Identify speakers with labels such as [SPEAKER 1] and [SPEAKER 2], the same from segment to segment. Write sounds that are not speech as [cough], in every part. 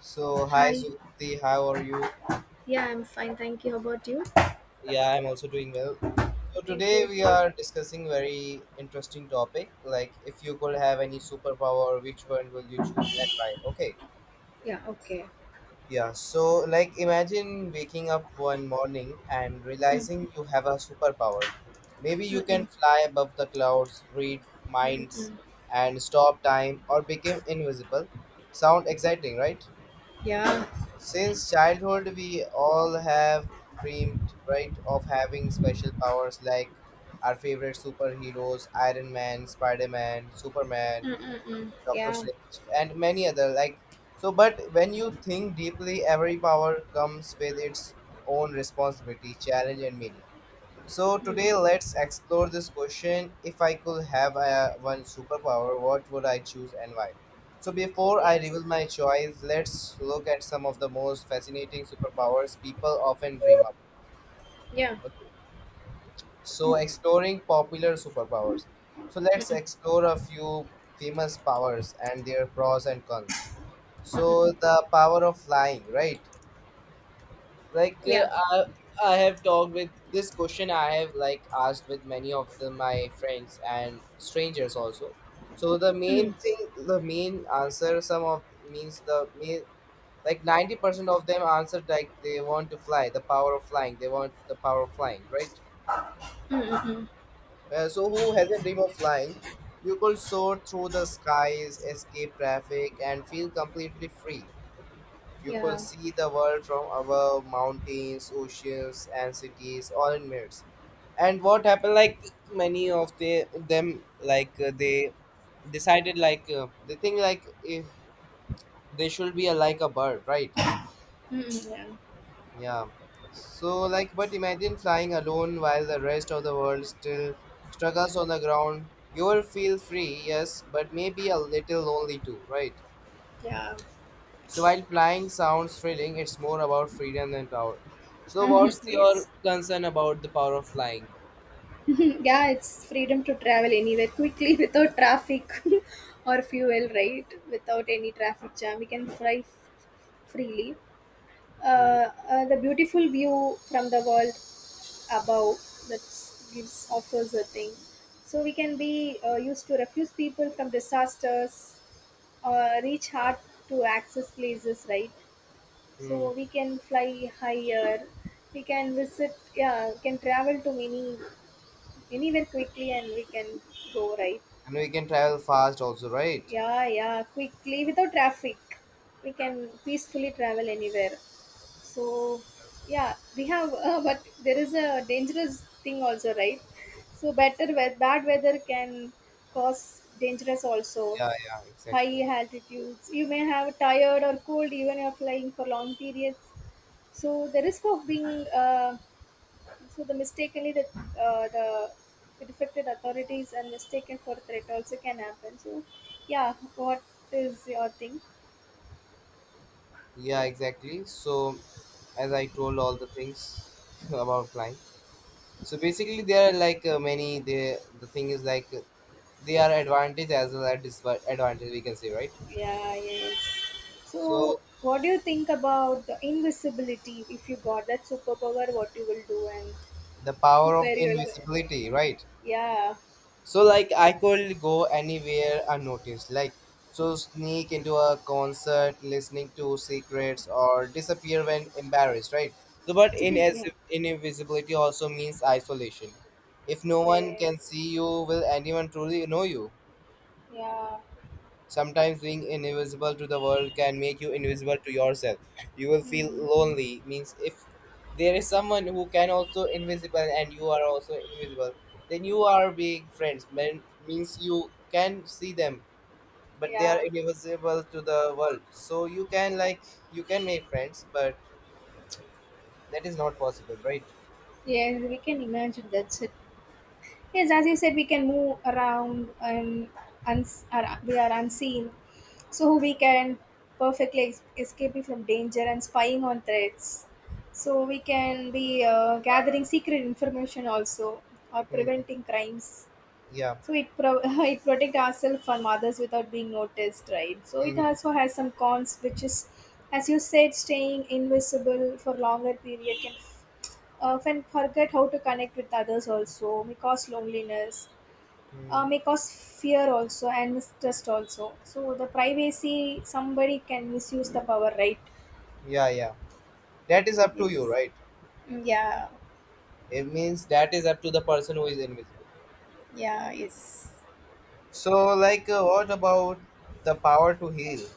[SPEAKER 1] So, hi
[SPEAKER 2] Hi.
[SPEAKER 1] Zulti, how are you?
[SPEAKER 2] Yeah, I'm fine. Thank you. How about you?
[SPEAKER 1] Yeah, I'm also doing well. So
[SPEAKER 2] Thank
[SPEAKER 1] today
[SPEAKER 2] you.
[SPEAKER 1] we are discussing very interesting topic, like if you could have any superpower, which one will you choose and why? Okay.
[SPEAKER 2] Yeah, okay.
[SPEAKER 1] Yeah, so like imagine waking up one morning and
[SPEAKER 2] Mm,
[SPEAKER 1] realizing you have a superpower. Maybe
[SPEAKER 2] mm,
[SPEAKER 1] you can
[SPEAKER 2] mm,
[SPEAKER 1] fly above the clouds, read
[SPEAKER 2] mm,
[SPEAKER 1] minds,
[SPEAKER 2] mm.
[SPEAKER 1] and stop time or become invisible. Sound exciting, right?
[SPEAKER 2] Yeah,
[SPEAKER 1] Since childhood, we all have dreamed, right, of having special powers like our favorite superheroes, Iron Man, Spider Man, Superman,
[SPEAKER 2] mm, mm, mm,
[SPEAKER 1] Doctor
[SPEAKER 2] yeah,
[SPEAKER 1] Strange, and many other. Like, so, but when you think deeply, every power comes with its own responsibility, challenge, and meaning. So
[SPEAKER 2] mm,
[SPEAKER 1] today let's explore this question. If I could have one superpower, what would I choose and why? So before I
[SPEAKER 2] yes.
[SPEAKER 1] reveal my choice, let's look at some of the most fascinating superpowers people often dream up.
[SPEAKER 2] Yeah,
[SPEAKER 1] Okay. So exploring popular superpowers. So let's explore a few famous powers and their pros and cons.
[SPEAKER 2] mm, mm,
[SPEAKER 1] So
[SPEAKER 2] mm.
[SPEAKER 1] the power of flying, right? Like,
[SPEAKER 2] Yeah,
[SPEAKER 1] I, I have talked with this question I have, like, asked with many of the my friends and strangers also. So the main
[SPEAKER 2] mm,
[SPEAKER 1] thing, the main answer, some of means the main, like, 90% of them answered, like they want to fly, the power of flying, they want the power of flying, right?
[SPEAKER 2] mm, mm, mm.
[SPEAKER 1] So who has a dream of flying? You could soar through the skies, escape traffic, and feel completely free. You could
[SPEAKER 2] Yeah,
[SPEAKER 1] see the world from above, mountains, oceans, and cities, all in minutes. And what happened, like many of the them, like, they decided, like, they think, like if they should be like a bird, right?
[SPEAKER 2] mm, mm, yeah,
[SPEAKER 1] Yeah. So, like, but imagine flying alone while the rest of the world still struggles on the ground. You will feel free, yes, but maybe a little lonely too, right?
[SPEAKER 2] yeah,
[SPEAKER 1] So while flying sounds thrilling, it's more about freedom than power. So
[SPEAKER 2] mm.
[SPEAKER 1] what's your
[SPEAKER 2] Yes. [laughs]
[SPEAKER 1] concern about the power of flying?
[SPEAKER 2] Yeah, it's freedom to travel anywhere quickly [laughs] without traffic [laughs] or fuel, right? Without any traffic jam, we can freely.
[SPEAKER 1] Hmm.
[SPEAKER 2] The beautiful view from the world above that gives offers a thing, so we can be used to refuse people from disasters or reach hard to access places, right?
[SPEAKER 1] Hmm.
[SPEAKER 2] So we can fly higher, we can visit, yeah, can travel to many, anywhere quickly, and we can go, right?
[SPEAKER 1] And we can travel fast also, right?
[SPEAKER 2] Yeah, yeah, quickly without traffic, we can peacefully travel anywhere. So yeah, we have [laughs] but there is a dangerous thing also, right? So bad weather can cause dangerous also.
[SPEAKER 1] Yeah, yeah,
[SPEAKER 2] High
[SPEAKER 1] exactly.
[SPEAKER 2] altitudes, you may have tired or cold even if flying for long periods. So the risk of being uh, so the mistakenly uh, the defected authorities and mistaken for threat also can happen. So yeah, what is your thing?
[SPEAKER 1] Yeah, exactly. So as I told all the things [laughs] about flying. So basically, there are, like, many. The thing is, like, they are advantage as well as disadvantage. We can say, right?
[SPEAKER 2] Yeah, yes. So,
[SPEAKER 1] So
[SPEAKER 2] what do you think about the invisibility? If you got that superpower, what you will do and
[SPEAKER 1] the power
[SPEAKER 2] [laughs]
[SPEAKER 1] of
[SPEAKER 2] where you will
[SPEAKER 1] invisibility,
[SPEAKER 2] go?
[SPEAKER 1] right?
[SPEAKER 2] Yeah.
[SPEAKER 1] So like I could go anywhere unnoticed, like so sneak into a concert, listening to secrets, or disappear when embarrassed, right? So, but
[SPEAKER 2] [laughs]
[SPEAKER 1] in as
[SPEAKER 2] Yeah.
[SPEAKER 1] invisibility also means isolation. If no one
[SPEAKER 2] Yes.
[SPEAKER 1] can see you, will anyone truly know you?
[SPEAKER 2] Yeah.
[SPEAKER 1] Sometimes being invisible to the world can make you invisible to yourself. You will feel
[SPEAKER 2] Mm.
[SPEAKER 1] lonely. Means if there is someone who can also invisible and you are also invisible, then you are being friends. Means you can see them, but they are
[SPEAKER 2] Yeah.
[SPEAKER 1] invisible to the world. So you can make friends, but that is not possible, right?
[SPEAKER 2] Yes, we can imagine. That's it. Yes, as you said, we can move around and we are unseen. So we can perfectly escaping from danger and spying on threats. So we can be gathering secret information also or
[SPEAKER 1] Hmm.
[SPEAKER 2] preventing crimes.
[SPEAKER 1] Yeah.
[SPEAKER 2] So it [laughs] it protect ourselves from others without being noticed, right? So it
[SPEAKER 1] Hmm.
[SPEAKER 2] also has some cons, which is, as you said, staying invisible for longer period can often forget how to connect with others, also may cause loneliness.
[SPEAKER 1] Hmm.
[SPEAKER 2] May cause fear also and mistrust also. So the privacy, somebody can misuse the power, right?
[SPEAKER 1] Yeah. Yeah. That is up to you,
[SPEAKER 2] Yes.
[SPEAKER 1] right?
[SPEAKER 2] Mm, yeah.
[SPEAKER 1] It means that is up to the person who is invisible.
[SPEAKER 2] Yeah. Yes.
[SPEAKER 1] So, like, what about the power to heal?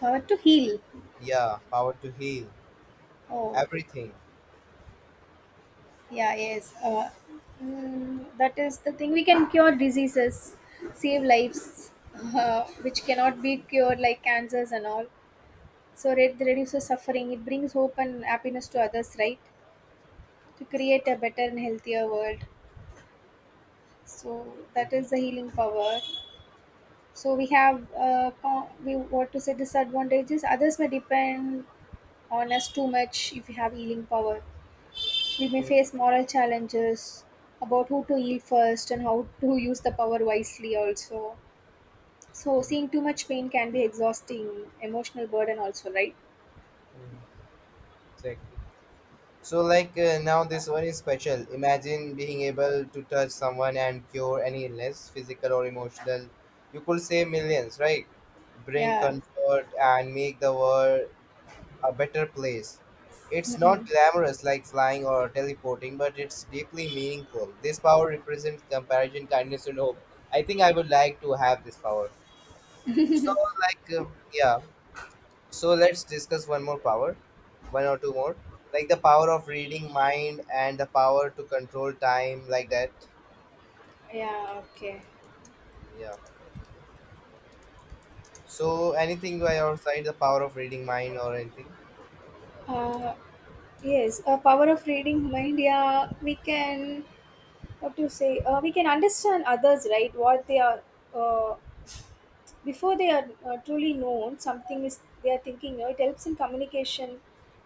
[SPEAKER 2] Power to heal.
[SPEAKER 1] Yeah, power to heal
[SPEAKER 2] Oh.
[SPEAKER 1] everything.
[SPEAKER 2] Yeah. Yes. Mm, that is the thing. We can cure diseases, save lives, [laughs] which cannot be cured like cancers and all. So it reduces suffering. It brings hope and happiness to others, right? To create a better and healthier world. So that
[SPEAKER 1] Mhm.
[SPEAKER 2] is the healing power. So we have we what to say disadvantages. Others may depend on us too much if we have healing power. We may
[SPEAKER 1] Mhm.
[SPEAKER 2] face moral challenges about who to heal first and how to use the power wisely also. So
[SPEAKER 1] Mhm.
[SPEAKER 2] seeing too much pain can be exhausting, emotional burden also, right?
[SPEAKER 1] Mhm. Exactly. So, like, now this one is special. Imagine being able to touch someone and cure any illness, physical or emotional. You could save millions, right? Bring
[SPEAKER 2] Yeah,
[SPEAKER 1] comfort and make the world a better place. It's not glamorous like flying or teleporting, but it's deeply meaningful. This power represents compassion, kindness, and hope. I think I would like to have this power. So, like, yeah. So let's discuss one more power, one or two more, like the power of reading mind and the power to control time, like that.
[SPEAKER 2] yeah, okay.
[SPEAKER 1] Yeah. So, anything by your side, the power of reading mind or anything?
[SPEAKER 2] Uh, yes, a power of reading mind. Yeah, we can, what do you say? We can understand others, right? What they are, uh, before they are truly known something is they are thinking, you know, it helps in communication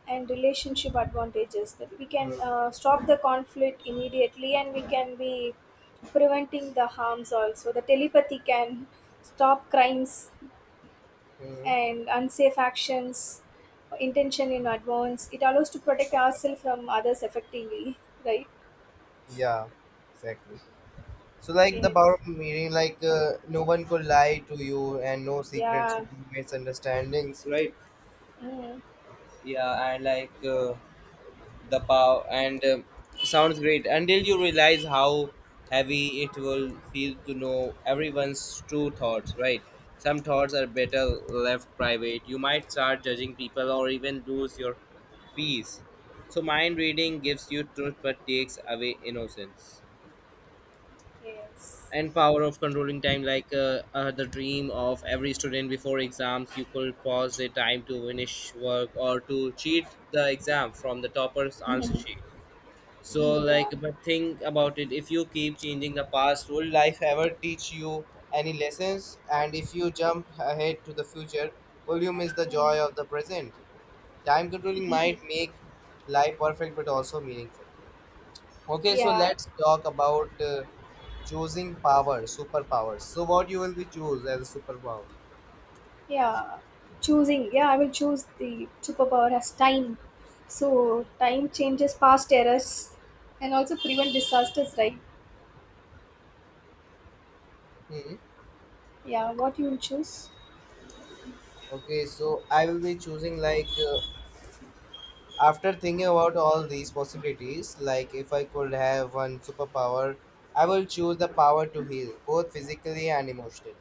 [SPEAKER 2] and relationship advantages that we can
[SPEAKER 1] Hmm.
[SPEAKER 2] stop the conflict immediately, and we can be preventing the harms also. The telepathy can stop crimes
[SPEAKER 1] Hmm.
[SPEAKER 2] and unsafe actions intention in advance. It allows to protect ourselves from others effectively, right?
[SPEAKER 1] Yeah. Exactly. So like the power
[SPEAKER 2] Yes,
[SPEAKER 1] of meaning, like, no one could lie to you, and no secrets,
[SPEAKER 2] yeah.
[SPEAKER 1] no misunderstandings, right?
[SPEAKER 2] Mm.
[SPEAKER 1] Yeah, and like, the power, and, sounds great until you realize how heavy it will feel to know everyone's true thoughts, right? Some thoughts are better left private. You might start judging people or even lose your peace. So mind reading gives you truth but takes away innocence.
[SPEAKER 2] Yes.
[SPEAKER 1] And power of controlling time, like, the dream of every student before exams. You could pause the time to finish work or to cheat the exam from the topper's answer sheet. So,
[SPEAKER 2] [laughs]
[SPEAKER 1] like,
[SPEAKER 2] Yeah,
[SPEAKER 1] but think about it, if you keep changing the past, will life ever teach you any lessons? And if you jump ahead to the future, will you miss the joy of the present? Time controlling might make life perfect, but also meaningful. Okay, so
[SPEAKER 2] yeah.
[SPEAKER 1] let's talk about, choosing power, superpowers. So, what you will be choose as a superpower?
[SPEAKER 2] Yeah, choosing. Yeah, I will choose the superpower as time. So time changes past errors and also prevent disasters, right?
[SPEAKER 1] Hmm.
[SPEAKER 2] Yeah, what you will choose?
[SPEAKER 1] Okay, so I will be choosing, like, after thinking about all these possibilities, like if I could have one superpower, I will choose the power to heal both physically and emotionally.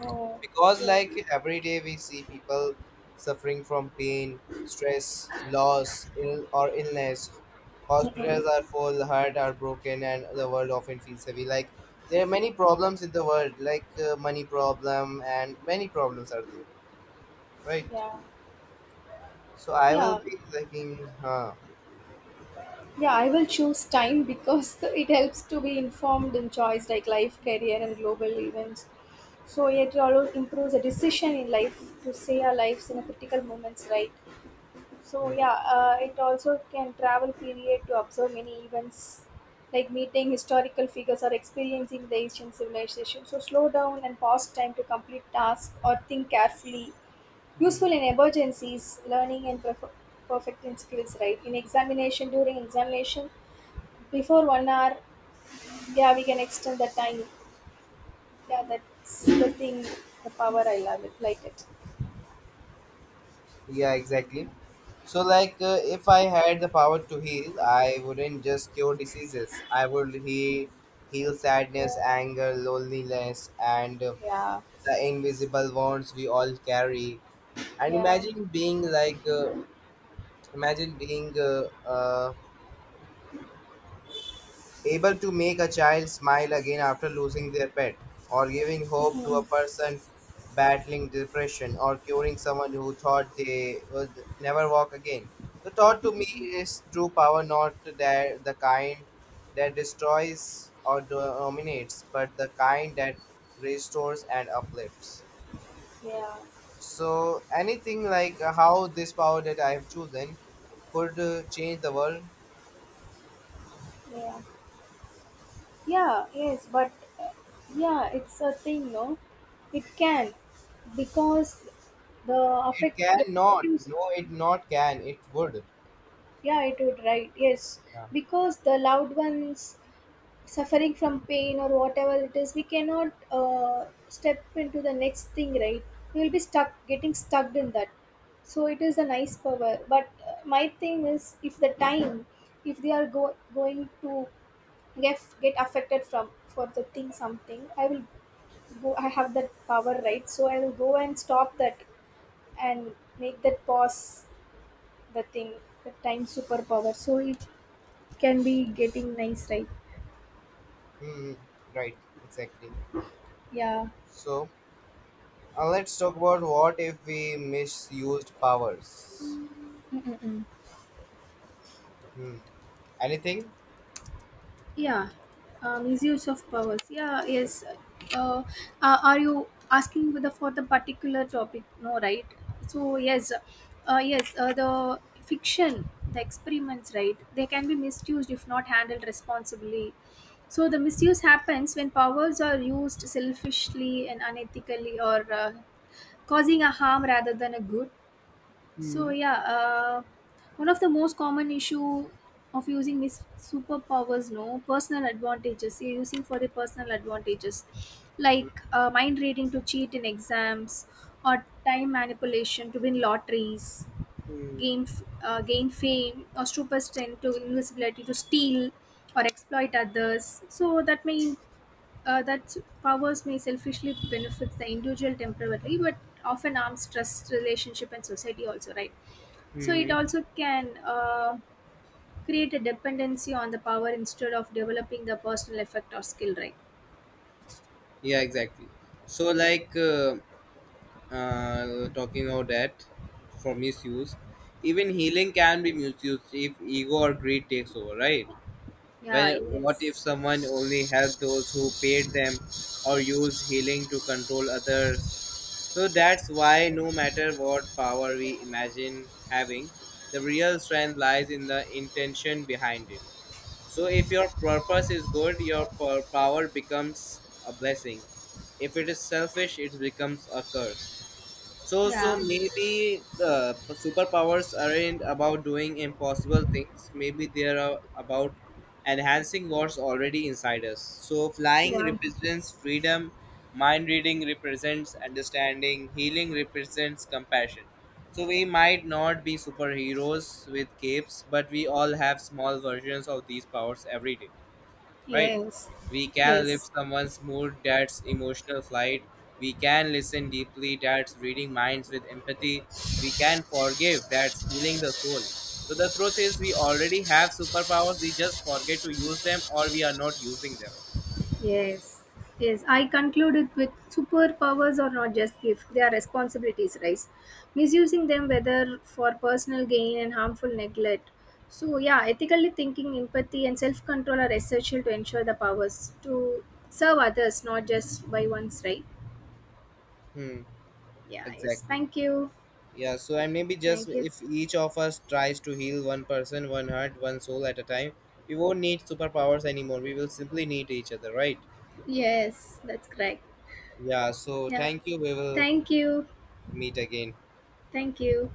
[SPEAKER 2] Oh,
[SPEAKER 1] Because
[SPEAKER 2] okay.
[SPEAKER 1] like every day we see people suffering from pain, stress, loss, ill or illness. Hospitals are full, heart are broken, and the world often feels heavy, like there are many problems in the world, like, money problem, and many problems are there, right?
[SPEAKER 2] Yeah,
[SPEAKER 1] So I will
[SPEAKER 2] yeah,
[SPEAKER 1] be liking, uh,
[SPEAKER 2] yeah. I will choose time because [laughs] it helps to be informed in choice like life, career, and global events. So it also improves a decision in life to save our lives in a critical moments, right? So
[SPEAKER 1] mhm.
[SPEAKER 2] yeah, it also can travel period to observe many events like meeting historical figures or experiencing the ancient civilization. So slow down and pause time to complete tasks or think carefully.
[SPEAKER 1] Mhm.
[SPEAKER 2] Useful in emergencies, learning and perfecting skills, right? In examination, during examination, before 1 hour, yeah, we can extend the time. Yeah, that's the thing, the power I love it, like it.
[SPEAKER 1] Yeah, exactly. So, like, if I had the power to heal, I wouldn't just cure diseases. I would heal sadness, anger, loneliness, and,
[SPEAKER 2] Yeah,
[SPEAKER 1] the invisible wounds we all carry. And
[SPEAKER 2] yeah,
[SPEAKER 1] imagine being able to make a child smile again after losing their pet, or giving hope to a person battling depression, or curing someone who thought they would never walk again. The thought to me is true power, not that the kind that destroys or dominates, but the kind that restores and uplifts.
[SPEAKER 2] yeah,
[SPEAKER 1] So, anything like, how this power that I have chosen could, change the world,
[SPEAKER 2] yeah. Yeah, yes, but uh, yeah, it's a thing, no? It can because the
[SPEAKER 1] it
[SPEAKER 2] affect the
[SPEAKER 1] cannot.
[SPEAKER 2] produce.
[SPEAKER 1] No, it not can. It would.
[SPEAKER 2] Yeah, it would, right? Yes,
[SPEAKER 1] Yeah.
[SPEAKER 2] because the loved ones suffering from pain or whatever it is, we cannot step into the next thing, right? We will be stuck, getting stuck in that. So it is a nice power, but my thing is, if the time, if they are going to get affected from for the thing something, I will go, I have that power, right? So I'll go and stop that and make that pause, the thing, the time superpower, so it can be getting nice, right?
[SPEAKER 1] Hmm. Right, exactly.
[SPEAKER 2] Yeah.
[SPEAKER 1] So, let's talk about what if we misused powers. Hmm. Anything?
[SPEAKER 2] Yeah, misuse of powers. Yeah, yes. Uh, are you asking for the particular topic? No, right? So yes, yes. The fiction, the experiments, right? They can be misused if not handled responsibly. So the misuse happens when powers are used selfishly and unethically, or causing a harm rather than a good. So
[SPEAKER 1] Hmm.
[SPEAKER 2] yeah, one of the most common issue of using is superpowers, no personal advantages. You're using for the personal advantages,
[SPEAKER 1] Hmm.
[SPEAKER 2] like mind reading to cheat in exams, or time manipulation to win lotteries,
[SPEAKER 1] Hmm.
[SPEAKER 2] gain fame, or super strength to invisibility to steal or exploit others. So that may that powers may selfishly benefit the individual temporarily, but often harms trust, relationship, and society also, right? So it
[SPEAKER 1] Hmm.
[SPEAKER 2] also can create a dependency on the power instead of developing the personal effect or skill, right?
[SPEAKER 1] Yeah, exactly. So, like, talking about that for misuse, even healing can be misused if ego or greed takes over, right?
[SPEAKER 2] Yeah,
[SPEAKER 1] When what
[SPEAKER 2] yes.
[SPEAKER 1] if someone only helped those who paid them or used healing to control others? So that's why, no matter what power we imagine having, the real strength lies in the intention behind it. So, if your purpose is good, your power becomes a blessing. If it is selfish, it becomes a curse. So,
[SPEAKER 2] Yeah,
[SPEAKER 1] maybe the superpowers aren't about doing impossible things. Maybe they're, about enhancing what's already inside us. So, flying
[SPEAKER 2] yeah,
[SPEAKER 1] represents freedom, mind reading represents understanding, healing represents compassion. So, we might not be superheroes with capes, but we all have small versions of these powers every day, right?
[SPEAKER 2] yes,
[SPEAKER 1] We can
[SPEAKER 2] yes,
[SPEAKER 1] lift someone's mood, that's emotional flight. We can listen deeply, that's reading minds with empathy. We can forgive, that's healing the soul. So the truth is, we already have superpowers, we just forget to use them or we are not using them.
[SPEAKER 2] yes, yes. I concluded with superpowers are not just gifts, they are responsibilities, right? Misusing them, whether for personal gain and harmful neglect. So, yeah, ethically thinking, empathy, and self control are essential to ensure the powers to serve others, not just by one's right.
[SPEAKER 1] Hmm,
[SPEAKER 2] Yeah, yes.
[SPEAKER 1] exactly.
[SPEAKER 2] Thank you.
[SPEAKER 1] Yeah, so and maybe just
[SPEAKER 2] Thank you.
[SPEAKER 1] if each of us tries to heal one person, one heart, one soul at a time, we won't need superpowers anymore. We will simply need each other, right?
[SPEAKER 2] Yes, that's correct.
[SPEAKER 1] Yeah, so
[SPEAKER 2] Yeah,
[SPEAKER 1] thank you. We will
[SPEAKER 2] thank you.
[SPEAKER 1] meet again.
[SPEAKER 2] Thank you.